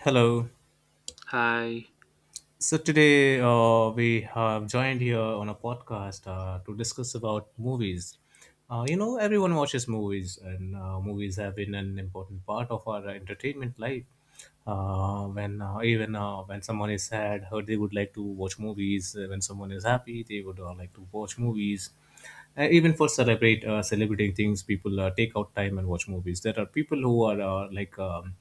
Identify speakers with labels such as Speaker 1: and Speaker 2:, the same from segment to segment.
Speaker 1: Hello.
Speaker 2: Hi.
Speaker 1: So today we have joined here on a podcast to discuss about movies. Everyone watches movies, and movies have been an important part of our entertainment life. When someone is sad, they would like to watch movies. When someone is happy, they would like to watch movies. Even for celebrate Celebrating things, people take out time and watch movies. There are people who are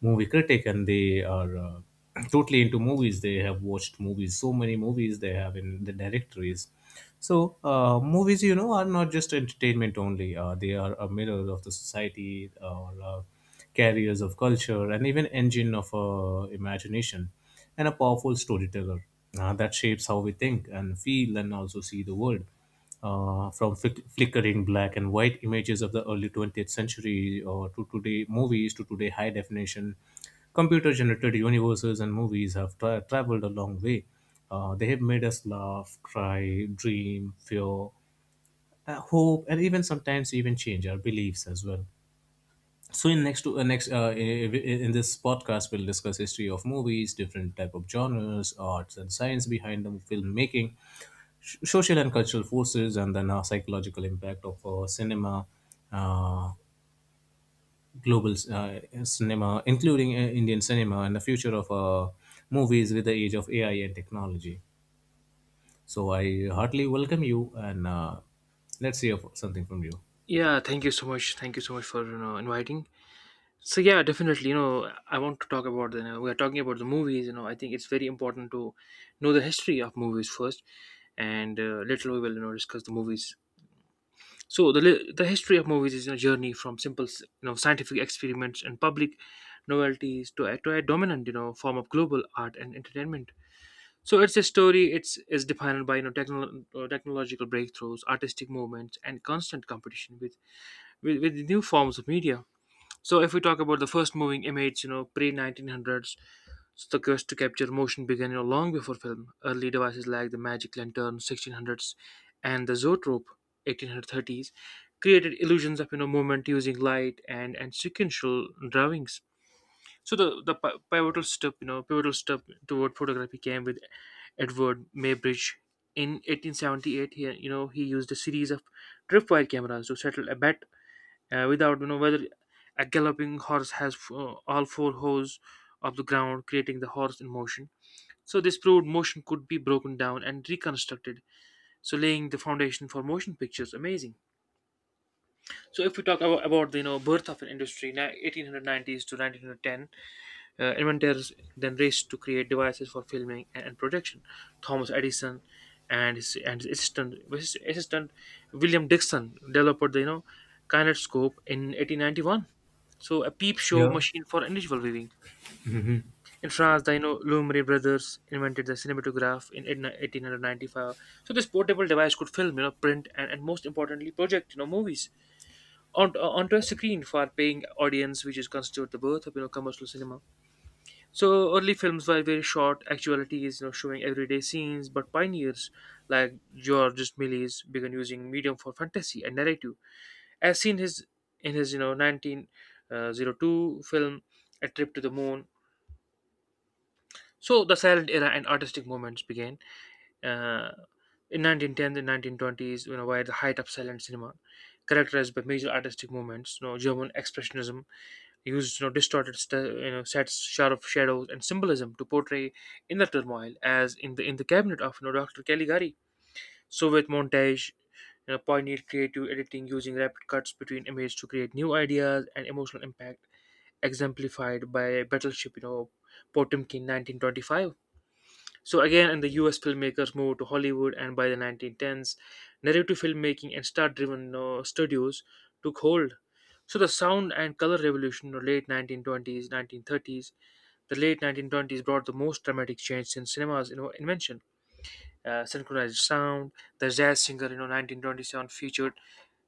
Speaker 1: movie critic and they are totally into movies. They have watched movies, so many movies they have in the directories. So movies, you know, are not just entertainment only. They are a mirror of the society or carriers of culture and even engine of imagination and a powerful storyteller that shapes how we think and feel and also see the world, flickering black and white images of the early 20th century or to today movies, to today high definition computer generated universes. And movies have traveled a long way. They have made us laugh, cry, dream, fear, hope, and even sometimes even change our beliefs as well. So in next to next in this podcast we'll discuss history of movies, different type of genres, arts and science behind them, filmmaking, social and cultural forces, and then psychological impact of cinema, uh, global cinema including Indian cinema, and the future of movies with the age of AI and technology. So I heartily welcome you, and let's hear something from you.
Speaker 2: Yeah, thank you so much. Thank you so much for inviting. So yeah, definitely. I want to talk about the. We are talking about the movies. I think it's very important to know the history of movies first, and later we will discuss the movies. So the history of movies is a journey from simple scientific experiments and public novelties to a dominant form of global art and entertainment. So it's a story. It's is defined by technological breakthroughs, artistic movements, and constant competition with with the new forms of media. So if we talk about the first moving image, pre-1900s, so the quest to capture motion began, long before film. Early devices like the magic lantern, 1600s, and the zoetrope, 1830s, created illusions of, movement using light and sequential drawings. So the pivotal step, toward photography came with Edward Maybridge. In 1878, here, he used a series of tripwire cameras to settle a bet, without whether a galloping horse has all four hooves of the ground, creating the horse in motion. So this proved motion could be broken down and reconstructed, so laying the foundation for motion pictures. Amazing. So if we talk about the birth of an industry, 1890s to 1910. Inventors then raced to create devices for filming and projection. Thomas Edison and his assistant William Dixon developed the kinetoscope in 1891. So a peep show
Speaker 1: Yeah.
Speaker 2: machine for individual viewing. In France, the Lumiere brothers invented the cinematograph in 1895. So this portable device could film, print, and most importantly, project movies onto a screen for paying audience, which is constitute the birth of commercial cinema. So early films were very short. Actuality is, showing everyday scenes, but pioneers like Georges Méliès began using medium for fantasy and narrative, as seen his in his 1902 film A Trip to the Moon. So the silent era and artistic movements began uh, in 1910s and 1920s, were the height of silent cinema, characterized by major artistic movements, German expressionism. He used distorted sets, sharp shadows, and symbolism to portray inner turmoil, as in the cabinet of Dr. Caligari. So with montage, poignant creative editing using rapid cuts between images to create new ideas and emotional impact, exemplified by Battleship, Potemkin, 1925. So again, and the U.S. filmmakers moved to Hollywood, and by the 1910s, narrative filmmaking and star-driven studios took hold. So the sound and color revolution of late 1920s, 1930s, the late 1920s brought the most dramatic change since cinema's invention. Synchronized sound, the jazz singer, 1927, featured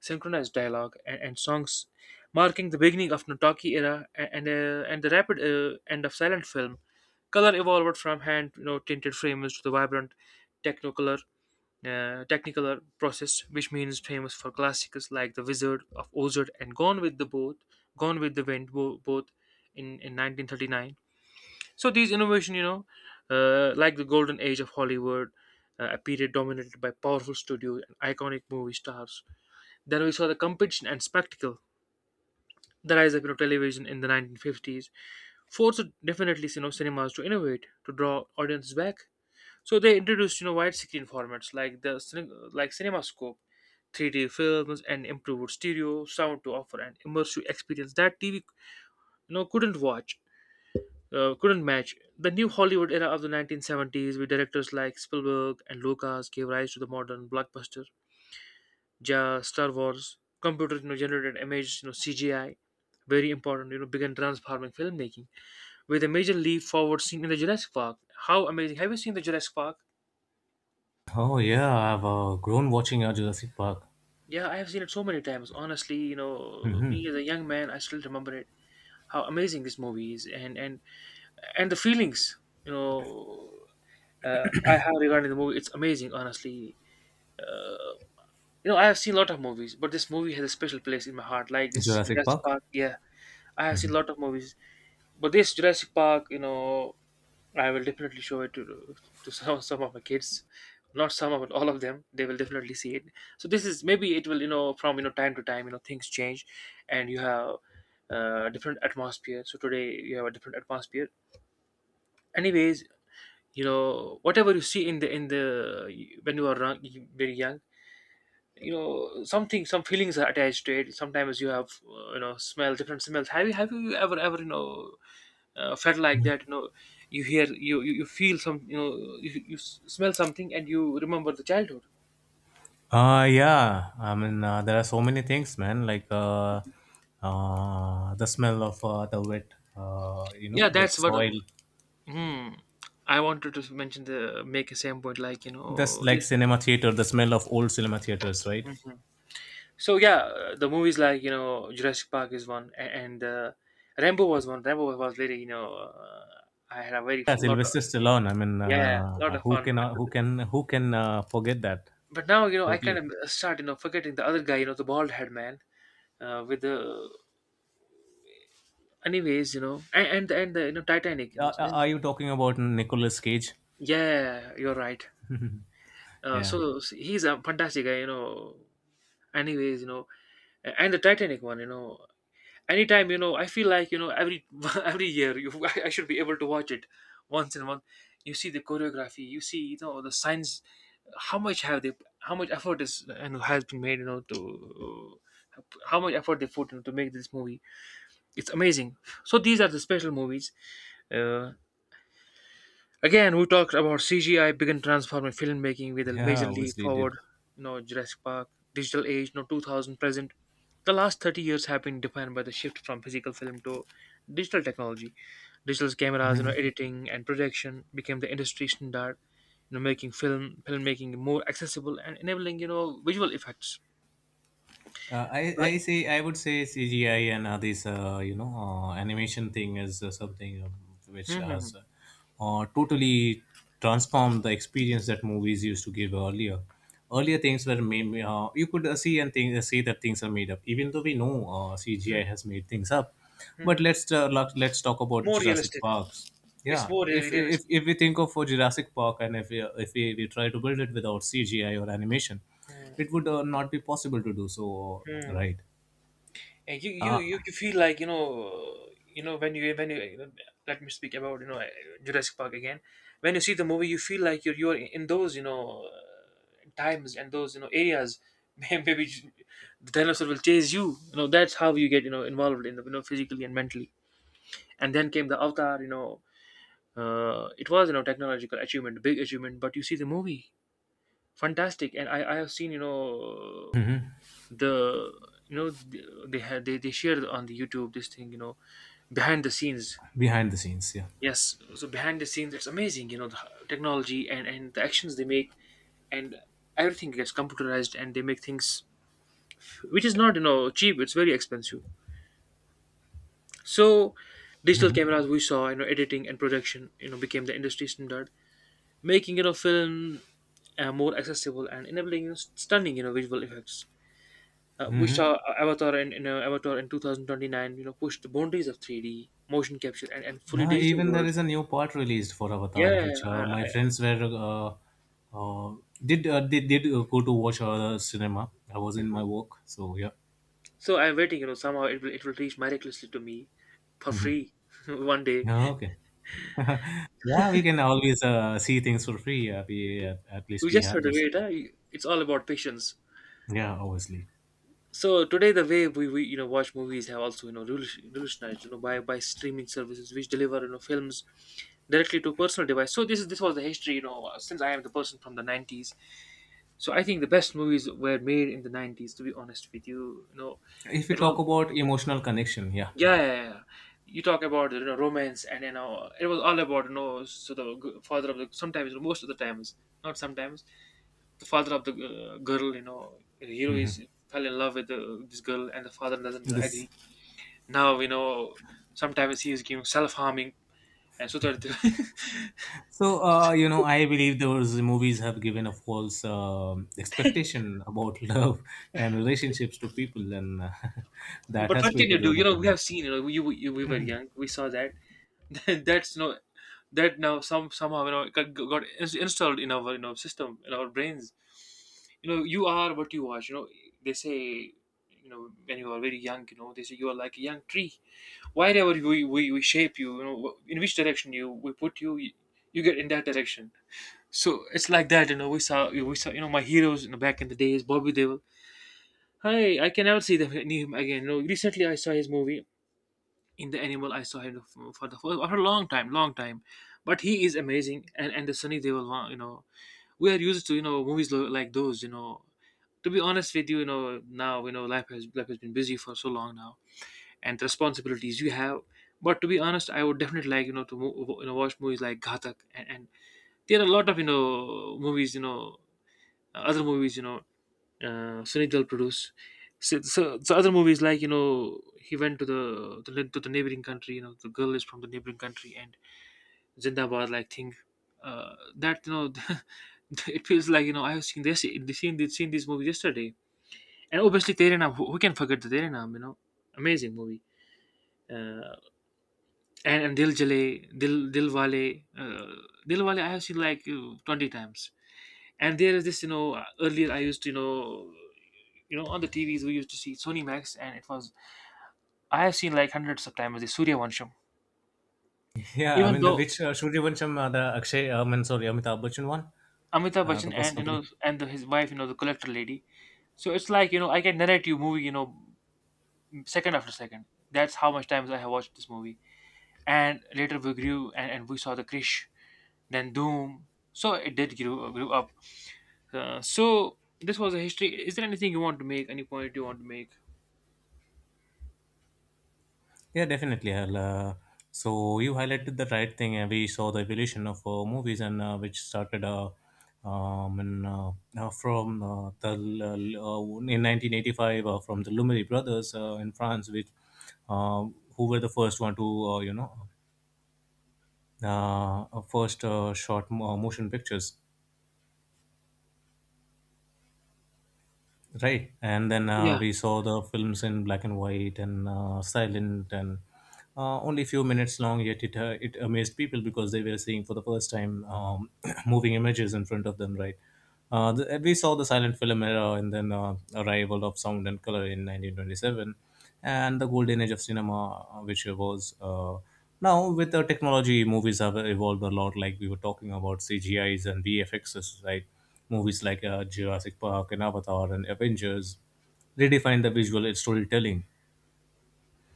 Speaker 2: synchronized dialogue and songs, marking the beginning of Notaki era and the rapid end of silent film. Color evolved from hand, tinted frames to the vibrant technicolor, technicolor process, which means famous for classics like The Wizard of Oz and Gone with the Boat, Gone with the Wind, both in 1939. So these innovation, like the golden age of Hollywood, a period dominated by powerful studios and iconic movie stars. Then we saw the competition and spectacle, the rise of, television in the 1950s, forced definitely cinemas to innovate to draw audiences back, so they introduced wide screen formats like CinemaScope, 3D films, and improved stereo sound to offer an immersive experience that TV know couldn't watch, couldn't match. The new Hollywood era of the 1970s, with directors like Spielberg and Lucas, gave rise to the modern blockbuster. Ja, Star Wars, computer generated images, CGI, very important, began transforming filmmaking with a major leap forward, seen in the Jurassic Park. How amazing! Have you seen the Jurassic Park?
Speaker 1: Oh yeah, I've grown watching Jurassic Park.
Speaker 2: Yeah, I have seen it so many times. Honestly, me as a young man, I still remember it. How amazing this movie is, and and the feelings, you know, I have regarding the movie. It's amazing, honestly. Uh, I have seen a lot of movies, but this movie has a special place in my heart. Like this
Speaker 1: Jurassic
Speaker 2: Jurassic
Speaker 1: Park.
Speaker 2: Park. Yeah, I have seen a lot of movies, but this Jurassic Park, I will definitely show it to some of my kids, not some of all of them. They will definitely see it. So this is maybe it will, from, time to time, things change, and you have different atmosphere. So today you have a different atmosphere. Anyways, whatever you see in the when you are young, very young, something, some feelings are attached to it. Sometimes you have smell different smells. Have you ever felt like that, you hear you feel some, you smell something and you remember the childhood.
Speaker 1: Yeah. I mean, there are so many things, man. Like the smell of the wet, you know,
Speaker 2: Yeah,
Speaker 1: wet
Speaker 2: that's what,
Speaker 1: soil.
Speaker 2: hmm, I wanted to mention the make a same point, like,
Speaker 1: That's like cinema theater. The smell of old cinema theaters, right?
Speaker 2: Mhm. So yeah, the movies like, Jurassic Park is one, and Rambo was one. Rambo was really, I had a very
Speaker 1: Yeah,
Speaker 2: lot of,
Speaker 1: Sylvester Stallone. I mean,
Speaker 2: yeah, lot of fun with it.
Speaker 1: who can forget that?
Speaker 2: But now, I kind
Speaker 1: Totally.
Speaker 2: of, start, forgetting the other guy, the bald head man, with the... Anyways, and the, Titanic, this
Speaker 1: Are
Speaker 2: is...
Speaker 1: you talking about Nicolas Cage?
Speaker 2: Yeah, you're right.
Speaker 1: Yeah,
Speaker 2: He's a fantastic guy. Anyways, and the Titanic one, anytime, I feel like, every every year you I should be able to watch it once in a month. You see the choreography, you see, the signs. How much have they? How much effort is and has been made, to... How much effort they put into to make this movie? It's amazing. So these are the special movies. Uh, Again, we talked about CGI began transforming filmmaking with a
Speaker 1: yeah,
Speaker 2: major leap
Speaker 1: obviously he did.
Speaker 2: forward. Jurassic Park, digital age, no 2000 present. The last 30 years have been defined by the shift from physical film to digital technology. Digital cameras, editing and production became the industry standard. Making film filmmaking more accessible and enabling visual effects like...
Speaker 1: I say I would say CGI and this you know animation thing is something which has
Speaker 2: Mhm,
Speaker 1: totally transformed the experience that movies used to give earlier. Earlier things were made, you could see that things are made up, even though we know
Speaker 2: mhm,
Speaker 1: CGI has made things up. But
Speaker 2: mhm.
Speaker 1: let's let's talk about
Speaker 2: More
Speaker 1: Jurassic
Speaker 2: realistic.
Speaker 1: Parks.
Speaker 2: It's
Speaker 1: Yeah,
Speaker 2: more really realistic.
Speaker 1: if we think of Jurassic Park, and if we, we try to build it without CGI or animation,
Speaker 2: Mhm,
Speaker 1: it would not be possible to do so,
Speaker 2: mhm.
Speaker 1: right?
Speaker 2: And you you
Speaker 1: uh,
Speaker 2: you you feel like, when you know, let me speak about, Jurassic Park again. When you see the movie, you feel like you're in those, times, and those, areas. Maybe the dinosaur will chase you. You know that's how you get, involved in the, physically and mentally. And then came the Avatar. It was, technological achievement, big achievement. But you see the movie, fantastic. And I have seen, the they had, they shared on the YouTube this thing, behind the scenes.
Speaker 1: Behind the scenes, yeah.
Speaker 2: Yes, so behind the scenes, it's amazing, the technology, and the actions they make, and everything gets computerized and they make things which is not, cheap, it's very expensive. So digital cameras we saw, editing and production, became the industry standard, making, film, more accessible, and enabling, stunning, visual effects. We saw,
Speaker 1: Hmm.
Speaker 2: Avatar, and, Avatar in 2029, pushed the boundaries of 3D motion capture and fully
Speaker 1: Now
Speaker 2: digital
Speaker 1: even there is
Speaker 2: worlds.
Speaker 1: a new part released for Avatar,
Speaker 2: Yeah,
Speaker 1: which my friends were uh, did go to watch the cinema. I was in my work, so yeah.
Speaker 2: so I'm waiting, somehow it will reach miraculously to me for
Speaker 1: Hmm.
Speaker 2: free one day.
Speaker 1: Oh, okay. Yeah, we can always see things for free. At least
Speaker 2: We
Speaker 1: we
Speaker 2: just
Speaker 1: have
Speaker 2: have to
Speaker 1: this.
Speaker 2: wait. Huh? It's all about patience.
Speaker 1: Yeah, obviously.
Speaker 2: So today, the way we, watch movies have also, revolutionized, by streaming services, which deliver, films directly to personal device. So this was the history, since I am the person from the 90s. So I think the best movies were made in the 90s, to be honest with you. You know
Speaker 1: If we
Speaker 2: it
Speaker 1: talk
Speaker 2: was...
Speaker 1: about emotional connection, yeah.
Speaker 2: Yeah, yeah, yeah. You talk about romance, and it was all about so the father of the sometimes, most of the times, not sometimes, the father of the girl, the hero is fell in love with this girl, and the father doesn't,
Speaker 1: This.
Speaker 2: agree. Now sometimes he is giving self harming, and so that.
Speaker 1: So, you know, I believe those movies have given a false expectation about love and relationships to people, and that
Speaker 2: But
Speaker 1: has
Speaker 2: what can you
Speaker 1: created a
Speaker 2: do?
Speaker 1: lot of
Speaker 2: We
Speaker 1: problems.
Speaker 2: have seen, you, you we were young, we saw that. That's no, that now somehow it got installed in our system, in our brains. You are what you watch, they say. When you are very young, they say you are like a young tree. Wherever we shape you, you know in which direction you we put you, you get in that direction. So it's like that, we saw, my heroes, back in the days, Bobby Devil. Hi, I can never see the him again. You know, recently I saw his movie in the Animal. I saw him for the first after a long time, long time. But he is amazing, and the Sunny Devil one, you know. We are used to, movies like those, you know. To be honest with you, now life has been busy for so long now, and the responsibilities you have. But to be honest, I would definitely like, to watch movies like Ghatak, and there are a lot of movies, other movies, Sunny Deol produced. So other movies, like he went to the to the neighboring country. You know, the girl is from the neighboring country, and Zindabad like thing. That, you know. It feels like I have seen these movies yesterday. And obviously, Tere Naam. Who can forget the Tere? You know, amazing movie. Uh, and Dil Jale, Dil Wale I have seen like 20 times. And there is this, you know, earlier I used to, you know, on the TVs we used to see Sony Max, and it was. I have seen like hundreds of times the Surya Vansham.
Speaker 1: Yeah, I
Speaker 2: Even
Speaker 1: mean, the
Speaker 2: though
Speaker 1: which Surya, the Akshay, and sorry, Amitabh Bachchan one,
Speaker 2: Amitabh
Speaker 1: the
Speaker 2: Bachchan,
Speaker 1: bus
Speaker 2: and
Speaker 1: company.
Speaker 2: and his wife, you know, the collector lady. So it's like, I can narrate you movie, you know, second after second. That's how much times I have watched this movie. And later we grew, and we saw the Krish, then Doom. So it did grew, grew up. So this was a history. Is there anything you want to make? Any point you want to make?
Speaker 1: Yeah, definitely. I'll, so you highlighted the right thing. We saw the evolution of movies, and which started in, from the l- in 1985 from the Lumiere brothers in France, which uh, who were the first one to uh, you know first short motion pictures. Right, and then
Speaker 2: Yeah.
Speaker 1: we saw the films in black and white and silent, and only few minutes long. Yet it it amazed people because they were seeing for the first time, moving images in front of them. Right, we saw the silent film era and then arrival of sound and color in 1927, and the golden age of cinema, which was now with the technology, movies have evolved a lot. Like we were talking about CGIs and VFXs, right? Movies like Jurassic Park and Avatar and Avengers redefine the visual storytelling.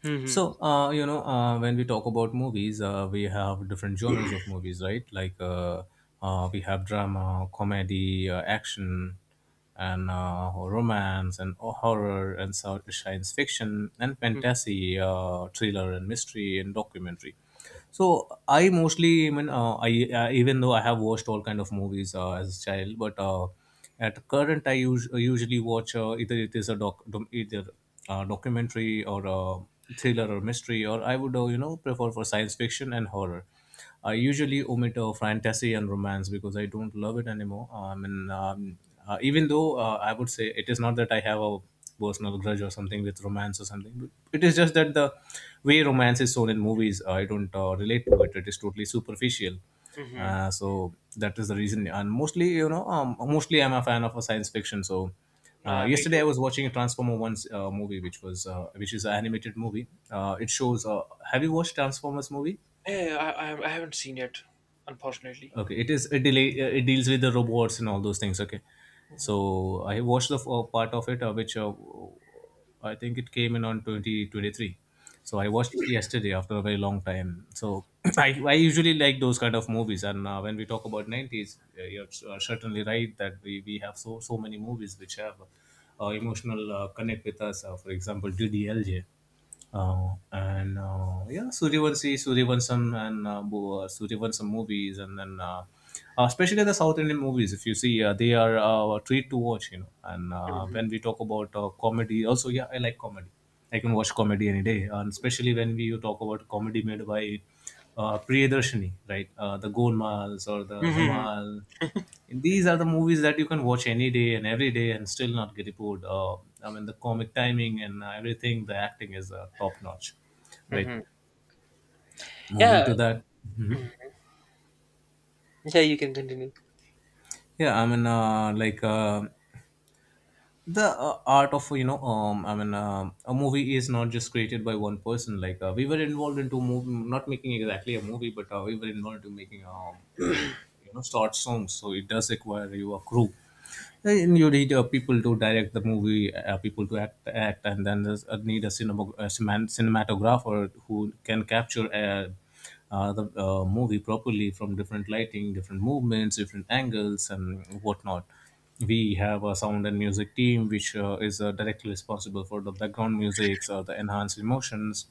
Speaker 2: Mm-hmm.
Speaker 1: So, when we talk about movies, we have different genres of movies, right? Like we have drama, comedy, action, and romance, and horror, and science fiction, and fantasy, thriller, and mystery, and documentary. So I mostly, I mean, I even though I have watched all kind of movies as a child, but at current I usually watch either it is a doc, dom- either documentary or a thriller or mystery, or I would prefer for science fiction and horror. I usually omit fantasy and romance because I don't love it anymore. I mean, even though I would say it is not that I have a personal grudge or something with romance or something, but it is just that the way romance is shown in movies, I don't relate to it. It is totally superficial.
Speaker 2: Mm-hmm.
Speaker 1: So that is the reason. And mostly, you know, mostly I'm a fan of a science fiction. So
Speaker 2: Me
Speaker 1: yesterday I
Speaker 2: too.
Speaker 1: was watching a Transformer One's movie, which was which is an animated movie. It shows. Have you watched Transformers movie?
Speaker 2: Yeah, I haven't seen it, unfortunately.
Speaker 1: Okay, it is it delay it deals with the robots and all those things. Okay, so I watched the part of it, which I think it came in on 2023. So I watched it yesterday after a very long time. So I usually like those kind of movies. And when we talk about nineties, you're certainly right that we have so many movies which have emotional connect with us. For example, DDLJ. And Yeah, Suryavanshi, Suryavansham, and Suryavansham movies, and then especially the South Indian movies. If you see, they are a treat to watch, you know. And
Speaker 2: Mm-hmm.
Speaker 1: when we talk about comedy, also, yeah, I like comedy. I can watch comedy any day, and especially when we talk about comedy made by Priyadarshini, right? The Golmals or the
Speaker 2: Mm-hmm.
Speaker 1: Dhamal, and these are the movies that you can watch any day and every day and still not get bored. I mean, the comic timing and everything, the acting is top notch. Right.
Speaker 2: Mm-hmm.
Speaker 1: Moving
Speaker 2: Yeah.
Speaker 1: to that. Mhm.
Speaker 2: Yeah, you can continue.
Speaker 1: Yeah, I mean, like. The art of you know, a movie is not just created by one person. Like we were involved into movie, not making exactly a movie, but we were involved in making uh, you know, short songs. So it does require you a crew, and you need people to direct the movie, people to act, and then there's a cinematographer who can capture the movie properly from different lighting, different movements, different angles, and whatnot. We have a sound and music team which is directly responsible for the background music or the enhanced emotions.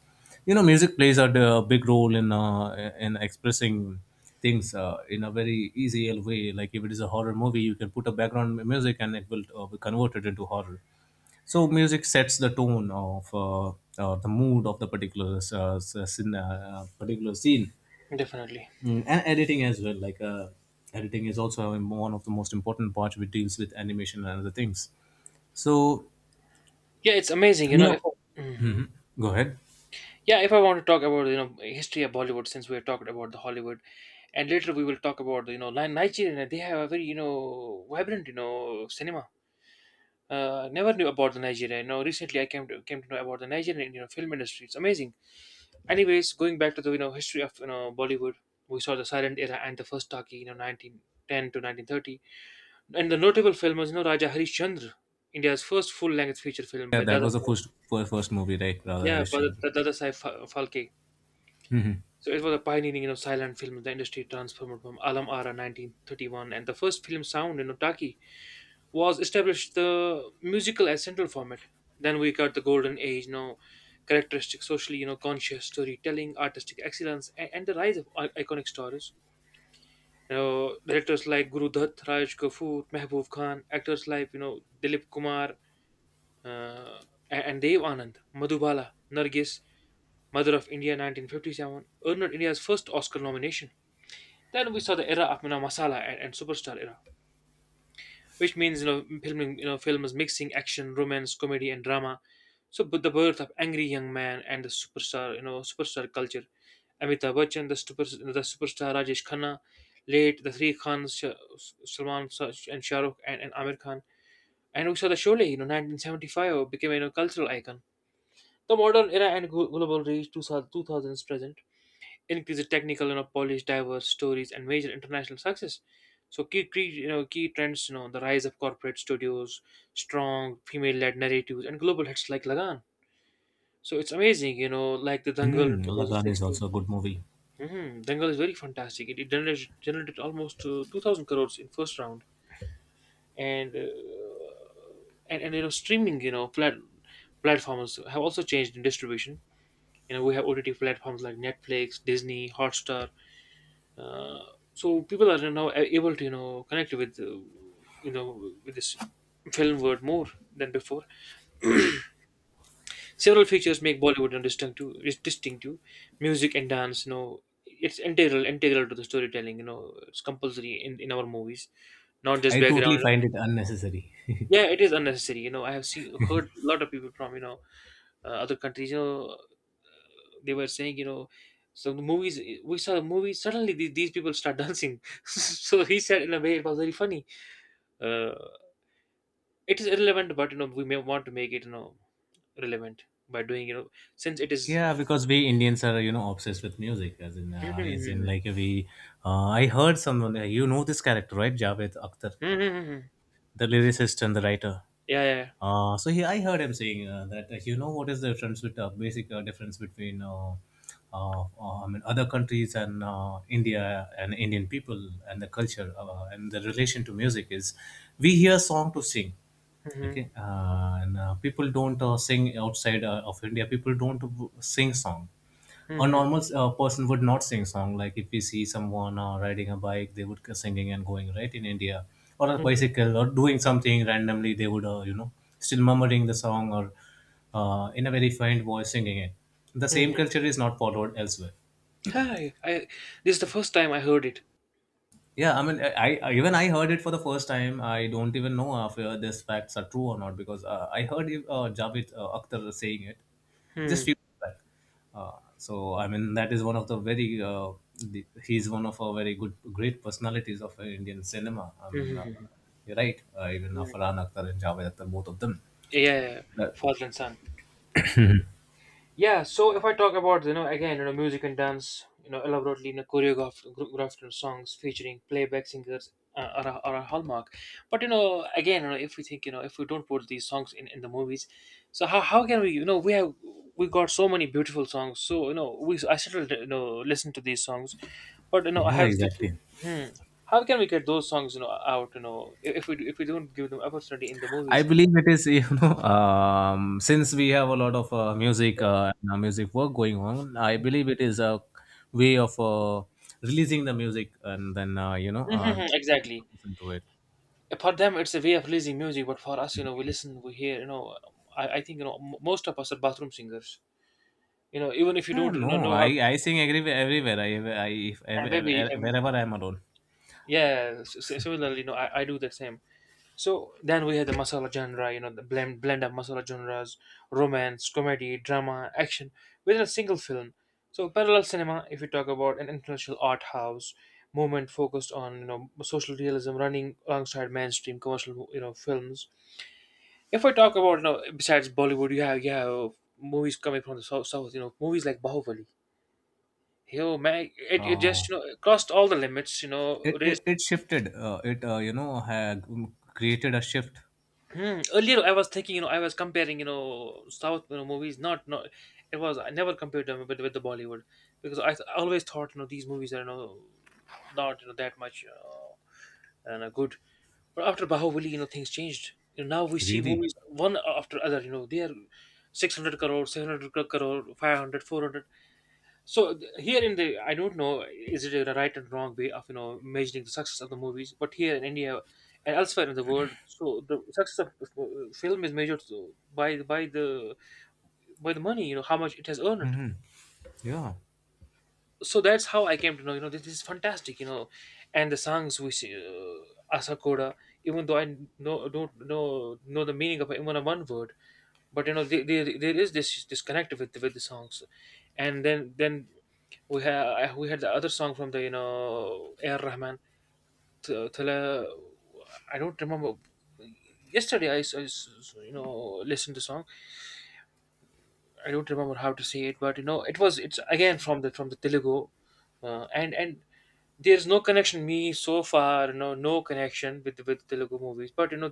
Speaker 1: You know, music plays a big role in expressing things in a very easy way. Like if it is a horror movie, you can put a background music and it will be converted into horror. So music sets the tone of the mood of the particular scene, particular scene.
Speaker 2: Definitely.
Speaker 1: Mm, and editing as well, like editing is also one of the most important parts, which deals with animation and other things, so
Speaker 2: Yeah, it's amazing. You
Speaker 1: you
Speaker 2: know, if.
Speaker 1: know
Speaker 2: Hmm,
Speaker 1: go ahead.
Speaker 2: yeah, if I want to talk about history of Bollywood, since we have talked about the Hollywood, and later we will talk about Nigeria. They have a very vibrant, cinema. Never knew about the Nigeria. You know, recently I came to know about the Nigerian film industry. It's amazing. Anyways, going back to the history of Bollywood, we saw the silent era and the first talkie, you know, 1910 to 1930, and the notable film was Raja Harishchandra, India's first full length feature film
Speaker 1: Yeah,
Speaker 2: by
Speaker 1: that
Speaker 2: Dada
Speaker 1: was the
Speaker 2: Saheb.
Speaker 1: first fir- first movie, right? Radha
Speaker 2: Yeah, by
Speaker 1: Harishchandra.
Speaker 2: Dada Saheb Phalke. So it was a pioneering, you know, silent film in the industry, transformed from Alam Ara 1931, and the first film sound in Otaki was established the musical as central format. Then we got the golden age, you know, characteristic socially, you know, conscious storytelling, artistic excellence, and the rise of iconic stars. You know, directors like Guru Dutt, Raj Kapoor, Mehboob Khan, actors like Dilip Kumar, uh, and Dev Anand, Madhubala, Nargis, Mother of India 1957, earned India's first Oscar nomination. Then we saw the era of masala and superstar era, which means filming, films mixing action, romance, comedy, and drama. So, but the birth of angry young man and the superstar, superstar culture. Amitabh Bachchan, the superstar Rajesh Khanna, late the three Khans, Salman and Shah Rukh, and Amir Khan, and we saw the Sholay, you know, 1975 became a cultural icon. The modern era and global reach, 2000s present, increases technical, you know, polished, diverse stories and major international success. So key trends, you know, the rise of corporate studios, strong female-led narratives, and global hits like Lagan. So it's amazing, you know, like the Dangal in
Speaker 1: Lagan is
Speaker 2: 2016.
Speaker 1: also a good movie.
Speaker 2: Hmm, Dangal is very fantastic. It generated almost, 2,000 crores in first round, and and streaming, you know, platforms have also changed in distribution. You know, we have OTT platforms like Netflix, Disney, Hotstar, uh, so people are now able to, connect with, with this film world more than before. Several features make Bollywood, and distinctive is distinctive. Music and dance, it's integral to the storytelling, it's compulsory in our movies, not just
Speaker 1: I
Speaker 2: background,
Speaker 1: totally
Speaker 2: you know.
Speaker 1: find it unnecessary.
Speaker 2: Yeah, it is unnecessary. You know, I have seen heard a lot of people from, other countries, they were saying, you know, so the movies, we saw the movies, suddenly these people start dancing. So he said, in a way, it was very funny. Uh, it is irrelevant, but you know we may want to make it, relevant, by doing, since it is.
Speaker 1: Yeah, because we Indians are, you know, obsessed with music, as in,
Speaker 2: Mhm.
Speaker 1: like we... I heard someone, you know, this character, right, Javed Akhtar,
Speaker 2: Mhm.
Speaker 1: the lyricist and the writer.
Speaker 2: Yeah, yeah.
Speaker 1: So he, I heard him saying that, you know, what is the difference with basic difference between, I mean, other countries and India and Indian people and the culture, and the relation to music is, we hear song to sing.
Speaker 2: Mhm.
Speaker 1: Okay, and people don't sing outside of India, people don't sing song. A
Speaker 2: Mhm.
Speaker 1: normal person would not sing song, like if we see someone riding a bike they would go singing and going, right, in India. Or a bicycle or doing something randomly, they would, you know, still murmuring the song, or in a very faint voice singing it. The same
Speaker 2: Mhm.
Speaker 1: culture is not followed elsewhere.
Speaker 2: Hi, I, this is the first time I heard it.
Speaker 1: Yeah, I mean, I even I heard it for the first time. I don't even know if these facts are true or not, because I heard Javed Akhtar saying it just
Speaker 2: Mhm.
Speaker 1: few days back. So I mean, that is one of the very... he's one of our very good great personalities of Indian cinema. I mean,
Speaker 2: Mhm.
Speaker 1: you're right. Even Farhan Akhtar and Javed Akhtar, both of them.
Speaker 2: Yeah, yeah. Yeah.
Speaker 1: That,
Speaker 2: Father and son. Yeah, so if I talk about, again, music and dance, elaborately choreographed songs featuring playback singers, are a hallmark, but you know, again, you know, if we think, you know, if we don't put these songs in the movies, so how can we, we have, we got so many beautiful songs, so we I still, listen to these songs, but you know I
Speaker 1: yeah,
Speaker 2: have this issue.
Speaker 1: exactly.
Speaker 2: Hmm, how can we get those songs, out, if we, if we don't give them opportunity in the
Speaker 1: I
Speaker 2: movies?
Speaker 1: believe it is, you know, since we have a lot of music and, music work going on, I believe it is a way of releasing the music, and then, you know,
Speaker 2: Mhm, mhm,
Speaker 1: letting the
Speaker 2: exactly.
Speaker 1: people listen to it.
Speaker 2: For them it's a way of releasing music, but for us, you know, we hear, I think, most of us are bathroom singers, you know, even if you
Speaker 1: Yeah,
Speaker 2: don't,
Speaker 1: no,
Speaker 2: know
Speaker 1: I,
Speaker 2: how to.
Speaker 1: I sing everywhere, everywhere, I, if, ev-
Speaker 2: And maybe.
Speaker 1: ev- wherever I'm alone.
Speaker 2: Yeah, similarly, I do the same. So then we had the masala genre, you know, the blend of masala genres, romance, comedy, drama, action, within a single film. So parallel cinema, if you talk about, an international art house movement focused on, social realism, running alongside mainstream commercial, films. If I talk about, besides Bollywood, you have, movies coming from the south, south, movies like Bahubali. You know, man, it just,
Speaker 1: Oh,
Speaker 2: it crossed all the limits. You know,
Speaker 1: it,
Speaker 2: it is.
Speaker 1: it, it shifted. It, you know, had created a shift.
Speaker 2: Hmm, earlier, I was thinking, you know, I was comparing, you know, South, movies. Not, not, it was, I never compared them with the Bollywood, because I always thought, you know, these movies are, you know, not, you know, that much, and good. But after Bahubali, you know, things changed. You know, now we see
Speaker 1: Really?
Speaker 2: movies one after other. You know, they are 600 crore, 700 crore, five hundred, 400. So here in the, I don't know, is it a right and wrong way of measuring the success of the movies, but here in India and elsewhere in the world, so the success of, film is measured, so by by the by the money, you know, how much it has earned.
Speaker 1: Hmm. Yeah.
Speaker 2: So that's how I came to know this, this is fantastic, and the songs which Asakoda, even though I know don't know the meaning of even a one word. But there is this disconnect with the songs. And then we had the other song from the, air rahman. T- Tala- I don't remember. Yesterday I, listened to song. I don't remember how to say it, but it was, it's again from the, from the Telugu, and there's no connection me so far, no, no connection with Telugu movies. But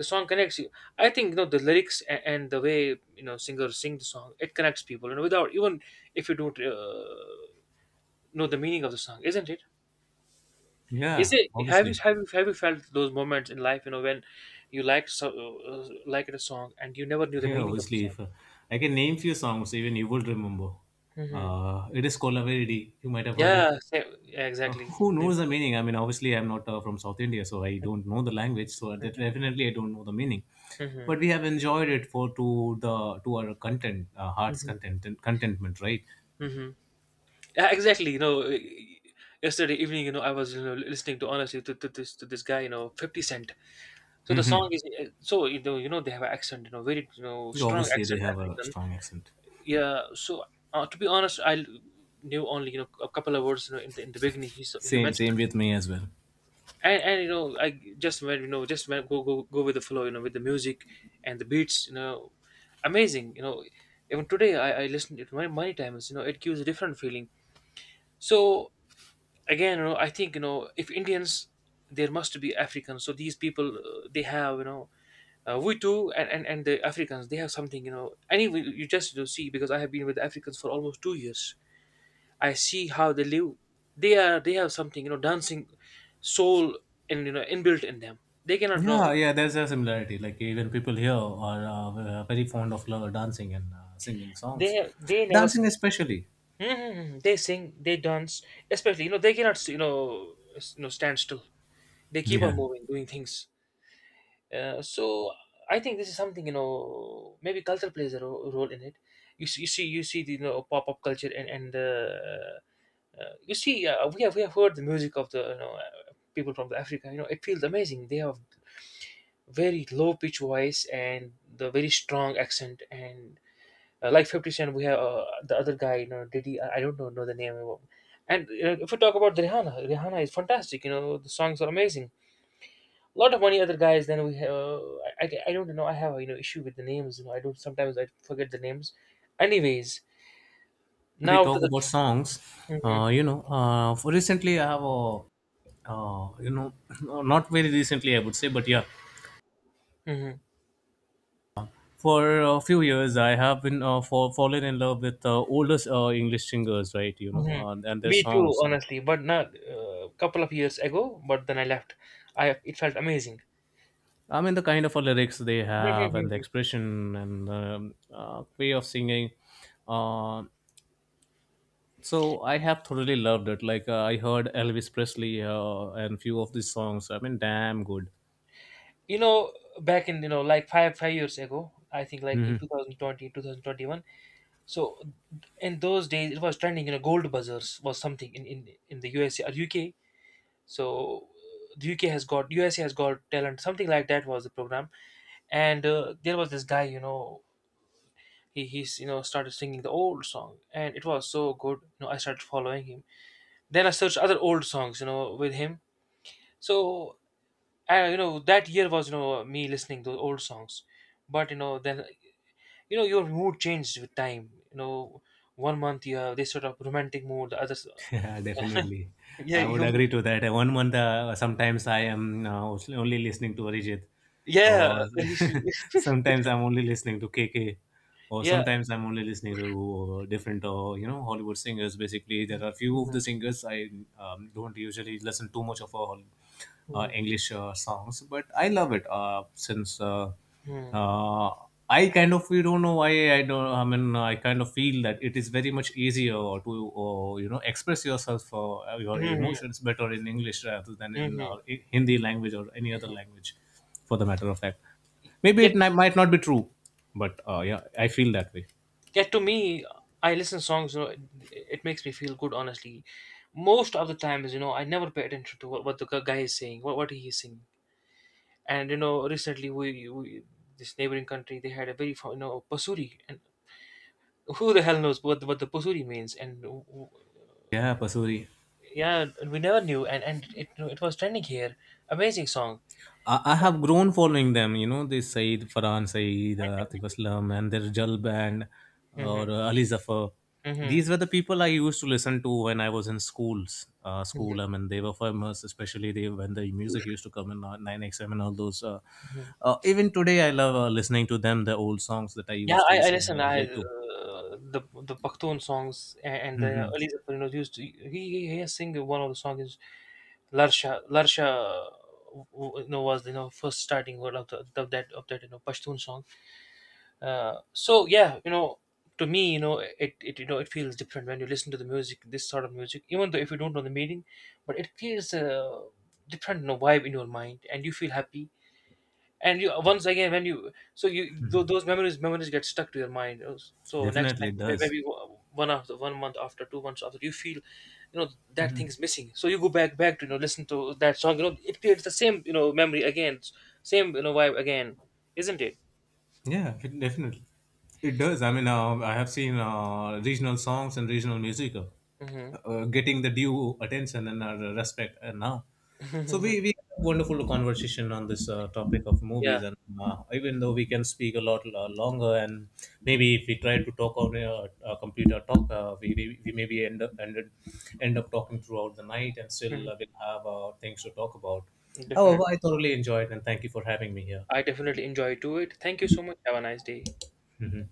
Speaker 2: the song connects you. I think, the lyrics, and the way, singers sing the song, it connects people, without even, if you don't, know the meaning of the song, isn't it? Is
Speaker 1: Yeah,
Speaker 2: it? Have you,
Speaker 1: obviously.
Speaker 2: have you felt those moments in life, when you liked so, uh, like a song and you never knew the
Speaker 1: Yeah,
Speaker 2: meaning of the
Speaker 1: obviously,
Speaker 2: song?
Speaker 1: if I can name few songs, even you would remember.
Speaker 2: Hmm.
Speaker 1: It is Kolavedi. You might have heard it.
Speaker 2: Yeah. sa- yeah, exactly.
Speaker 1: Who
Speaker 2: Hmm.
Speaker 1: knows the meaning? I mean, obviously, I'm not from South India, so I don't know the language. So that definitely, I don't know the meaning.
Speaker 2: Hmm.
Speaker 1: But we have enjoyed it for to our content, heart's content, contentment, right?
Speaker 2: Hmm. Yeah, exactly. You know, yesterday evening, I was, listening, to honestly, to this, to this guy, Fifty Cent. So the song
Speaker 1: Hmm.
Speaker 2: is, so, you know they have an accent, very, strong
Speaker 1: Obviously, they
Speaker 2: accent,
Speaker 1: have a
Speaker 2: African.
Speaker 1: strong accent.
Speaker 2: Yeah. So to be honest, I knew only, a couple of words, in the, in the beginning he he
Speaker 1: Same,
Speaker 2: mentioned,
Speaker 1: same with me as well.
Speaker 2: and I just went, just went, go, go, go with the flow, with the music and the beats, amazing, Even today, I listened to it many, many times. You know, it gives a different feeling. So again, I think, if Indians, there must be Africans, so these people, they have, we too, and the Africans, they have something, anyway. You just to see, because I have been with Africans for almost two years. I see how they live. They are they have something, dancing, soul, and, inbuilt in them. They cannot know.
Speaker 1: Yeah, yeah, there's a similarity. Like even people here are very fond of dancing and singing songs,
Speaker 2: They never s-
Speaker 1: dancing especially.
Speaker 2: Mhm. They sing, they dance, especially, they cannot, stand still. They keep on
Speaker 1: Yeah.
Speaker 2: moving, doing things. So I think this is something, maybe culture plays a role in it. You see, you see, you see the, pop up culture, and you see, we have heard the music of the, people from the Africa. You know, it feels amazing. They have very low pitch voice and the very strong accent, and like Fifty Cent, we have the other guy, Diddy. I don't know the name of. And you, if we talk about Rihanna, Rihanna is fantastic. You know the songs are amazing. A lot of many other guys. Then we have, I don't know. I have a, issue with the names. You know, I don't, sometimes I forget the names. Anyways,
Speaker 1: When we
Speaker 2: now to
Speaker 1: talk
Speaker 2: the.
Speaker 1: about songs,
Speaker 2: Hmm.
Speaker 1: you know, for recently I have a, you know, not very recently I would say, but yeah,
Speaker 2: Hmm.
Speaker 1: for a few years I have been fallen in love with older English singers, right? You know,
Speaker 2: Hmm.
Speaker 1: and their
Speaker 2: Me too,
Speaker 1: songs.
Speaker 2: honestly. But not a couple of years ago. But then I left. I, it felt amazing.
Speaker 1: I mean, the kind of lyrics they have, and the
Speaker 2: Mhm.
Speaker 1: expression and the way of singing. Uh, So I have thoroughly loved it. Like I heard Elvis Presley and few of these songs. I mean, damn good.
Speaker 2: You know, back in, like five years ago, I think like in
Speaker 1: Hmm.
Speaker 2: 2020. So in those days, it was trending. You know, gold buzzers was something in, in the USA or UK. So the UK has got, USA has got talent, something like that was the program. And there was this guy, he he's started singing the old song and it was so good, I started following him. Then I searched other old songs, with him. So I, you know that year was, me listening to old songs. But your mood changed with time, one month you have this sort of romantic mood, the others.
Speaker 1: Yeah, definitely.
Speaker 2: Yeah,
Speaker 1: I would
Speaker 2: you.
Speaker 1: agree to that. One month, sometimes I am only listening to Arijit,
Speaker 2: Yeah.
Speaker 1: or
Speaker 2: It.
Speaker 1: sometimes I'm only listening to KK, or
Speaker 2: Yeah.
Speaker 1: sometimes I'm only listening to different, you know, Hollywood singers. Basically, there are few
Speaker 2: Mhm.
Speaker 1: of the singers I don't usually listen too much of. All
Speaker 2: Mhm.
Speaker 1: English songs, but I love it since,
Speaker 2: Mhm.
Speaker 1: uh, I kind of... we don't know why I don't. I mean, I kind of feel that it is very much easier to you know, express yourself for your
Speaker 2: Mhm,
Speaker 1: emotions better in English rather than in
Speaker 2: mhm.
Speaker 1: Hindi language or any other language, for the matter of fact. Maybe it
Speaker 2: Yet,
Speaker 1: might not be true, but yeah, I feel that way.
Speaker 2: yet to me, I listen songs. You know, it makes me feel good. Honestly, most of the times, I never pay attention to what the guy is saying, what he is singing. And you know, recently we this neighboring country they had a very Pasuri, and who the hell knows what the Pasuri means? And
Speaker 1: Yeah, Pasuri.
Speaker 2: yeah, we never knew. And it, it was trending here. Amazing song.
Speaker 1: I have grown following them, you know, this Saeed, Farhan Saeed, Atif Aslam, and their Jal band,
Speaker 2: Mm-hmm.
Speaker 1: or Ali Zafar.
Speaker 2: Hmm.
Speaker 1: These were the people I used to listen to when I was in schools. School, I mean, they were famous, especially they, when the music used to come in 9XM and all those.
Speaker 2: Hmm.
Speaker 1: Even today, I love listening to them, the old songs that I
Speaker 2: Yeah,
Speaker 1: used to
Speaker 2: I
Speaker 1: listen,
Speaker 2: listen.
Speaker 1: I
Speaker 2: I,
Speaker 1: relate to.
Speaker 2: the Pakhtun songs, and the
Speaker 1: Hmm.
Speaker 2: Ali Zafar used to, he he has sing, one of the songs is Larsha Larsha, was, first starting word of, the, of that, of that Pashtun song. So yeah, to me, it, it it feels different when you listen to the music, this sort of music, even though if you don't know the meaning, but it creates a different, vibe in your mind and you feel happy. And you, once again, when you so you those memories, memories get stuck to your mind. So next
Speaker 1: Definitely,
Speaker 2: time,
Speaker 1: it does.
Speaker 2: maybe one after one month after, two months after, you feel, that thing is missing, so you go back to, listen to that song, it creates the same, memory again, same, vibe again, isn't it?
Speaker 1: Yeah, definitely. It does. I mean, I have seen regional songs and regional music,
Speaker 2: Hmm.
Speaker 1: getting the due attention and respect now. So we had a wonderful conversation on this topic of
Speaker 2: Yeah.
Speaker 1: movies, and even though we can speak a lot longer, and maybe if we try to talk on a computer talk, we maybe end up talking throughout the night, and still
Speaker 2: Hmm.
Speaker 1: we'll have things to talk about. However,
Speaker 2: Definitely.
Speaker 1: I thoroughly enjoyed, and thank you for having me here.
Speaker 2: I definitely enjoy to it. Thank you so much, have a nice day.
Speaker 1: Mhm.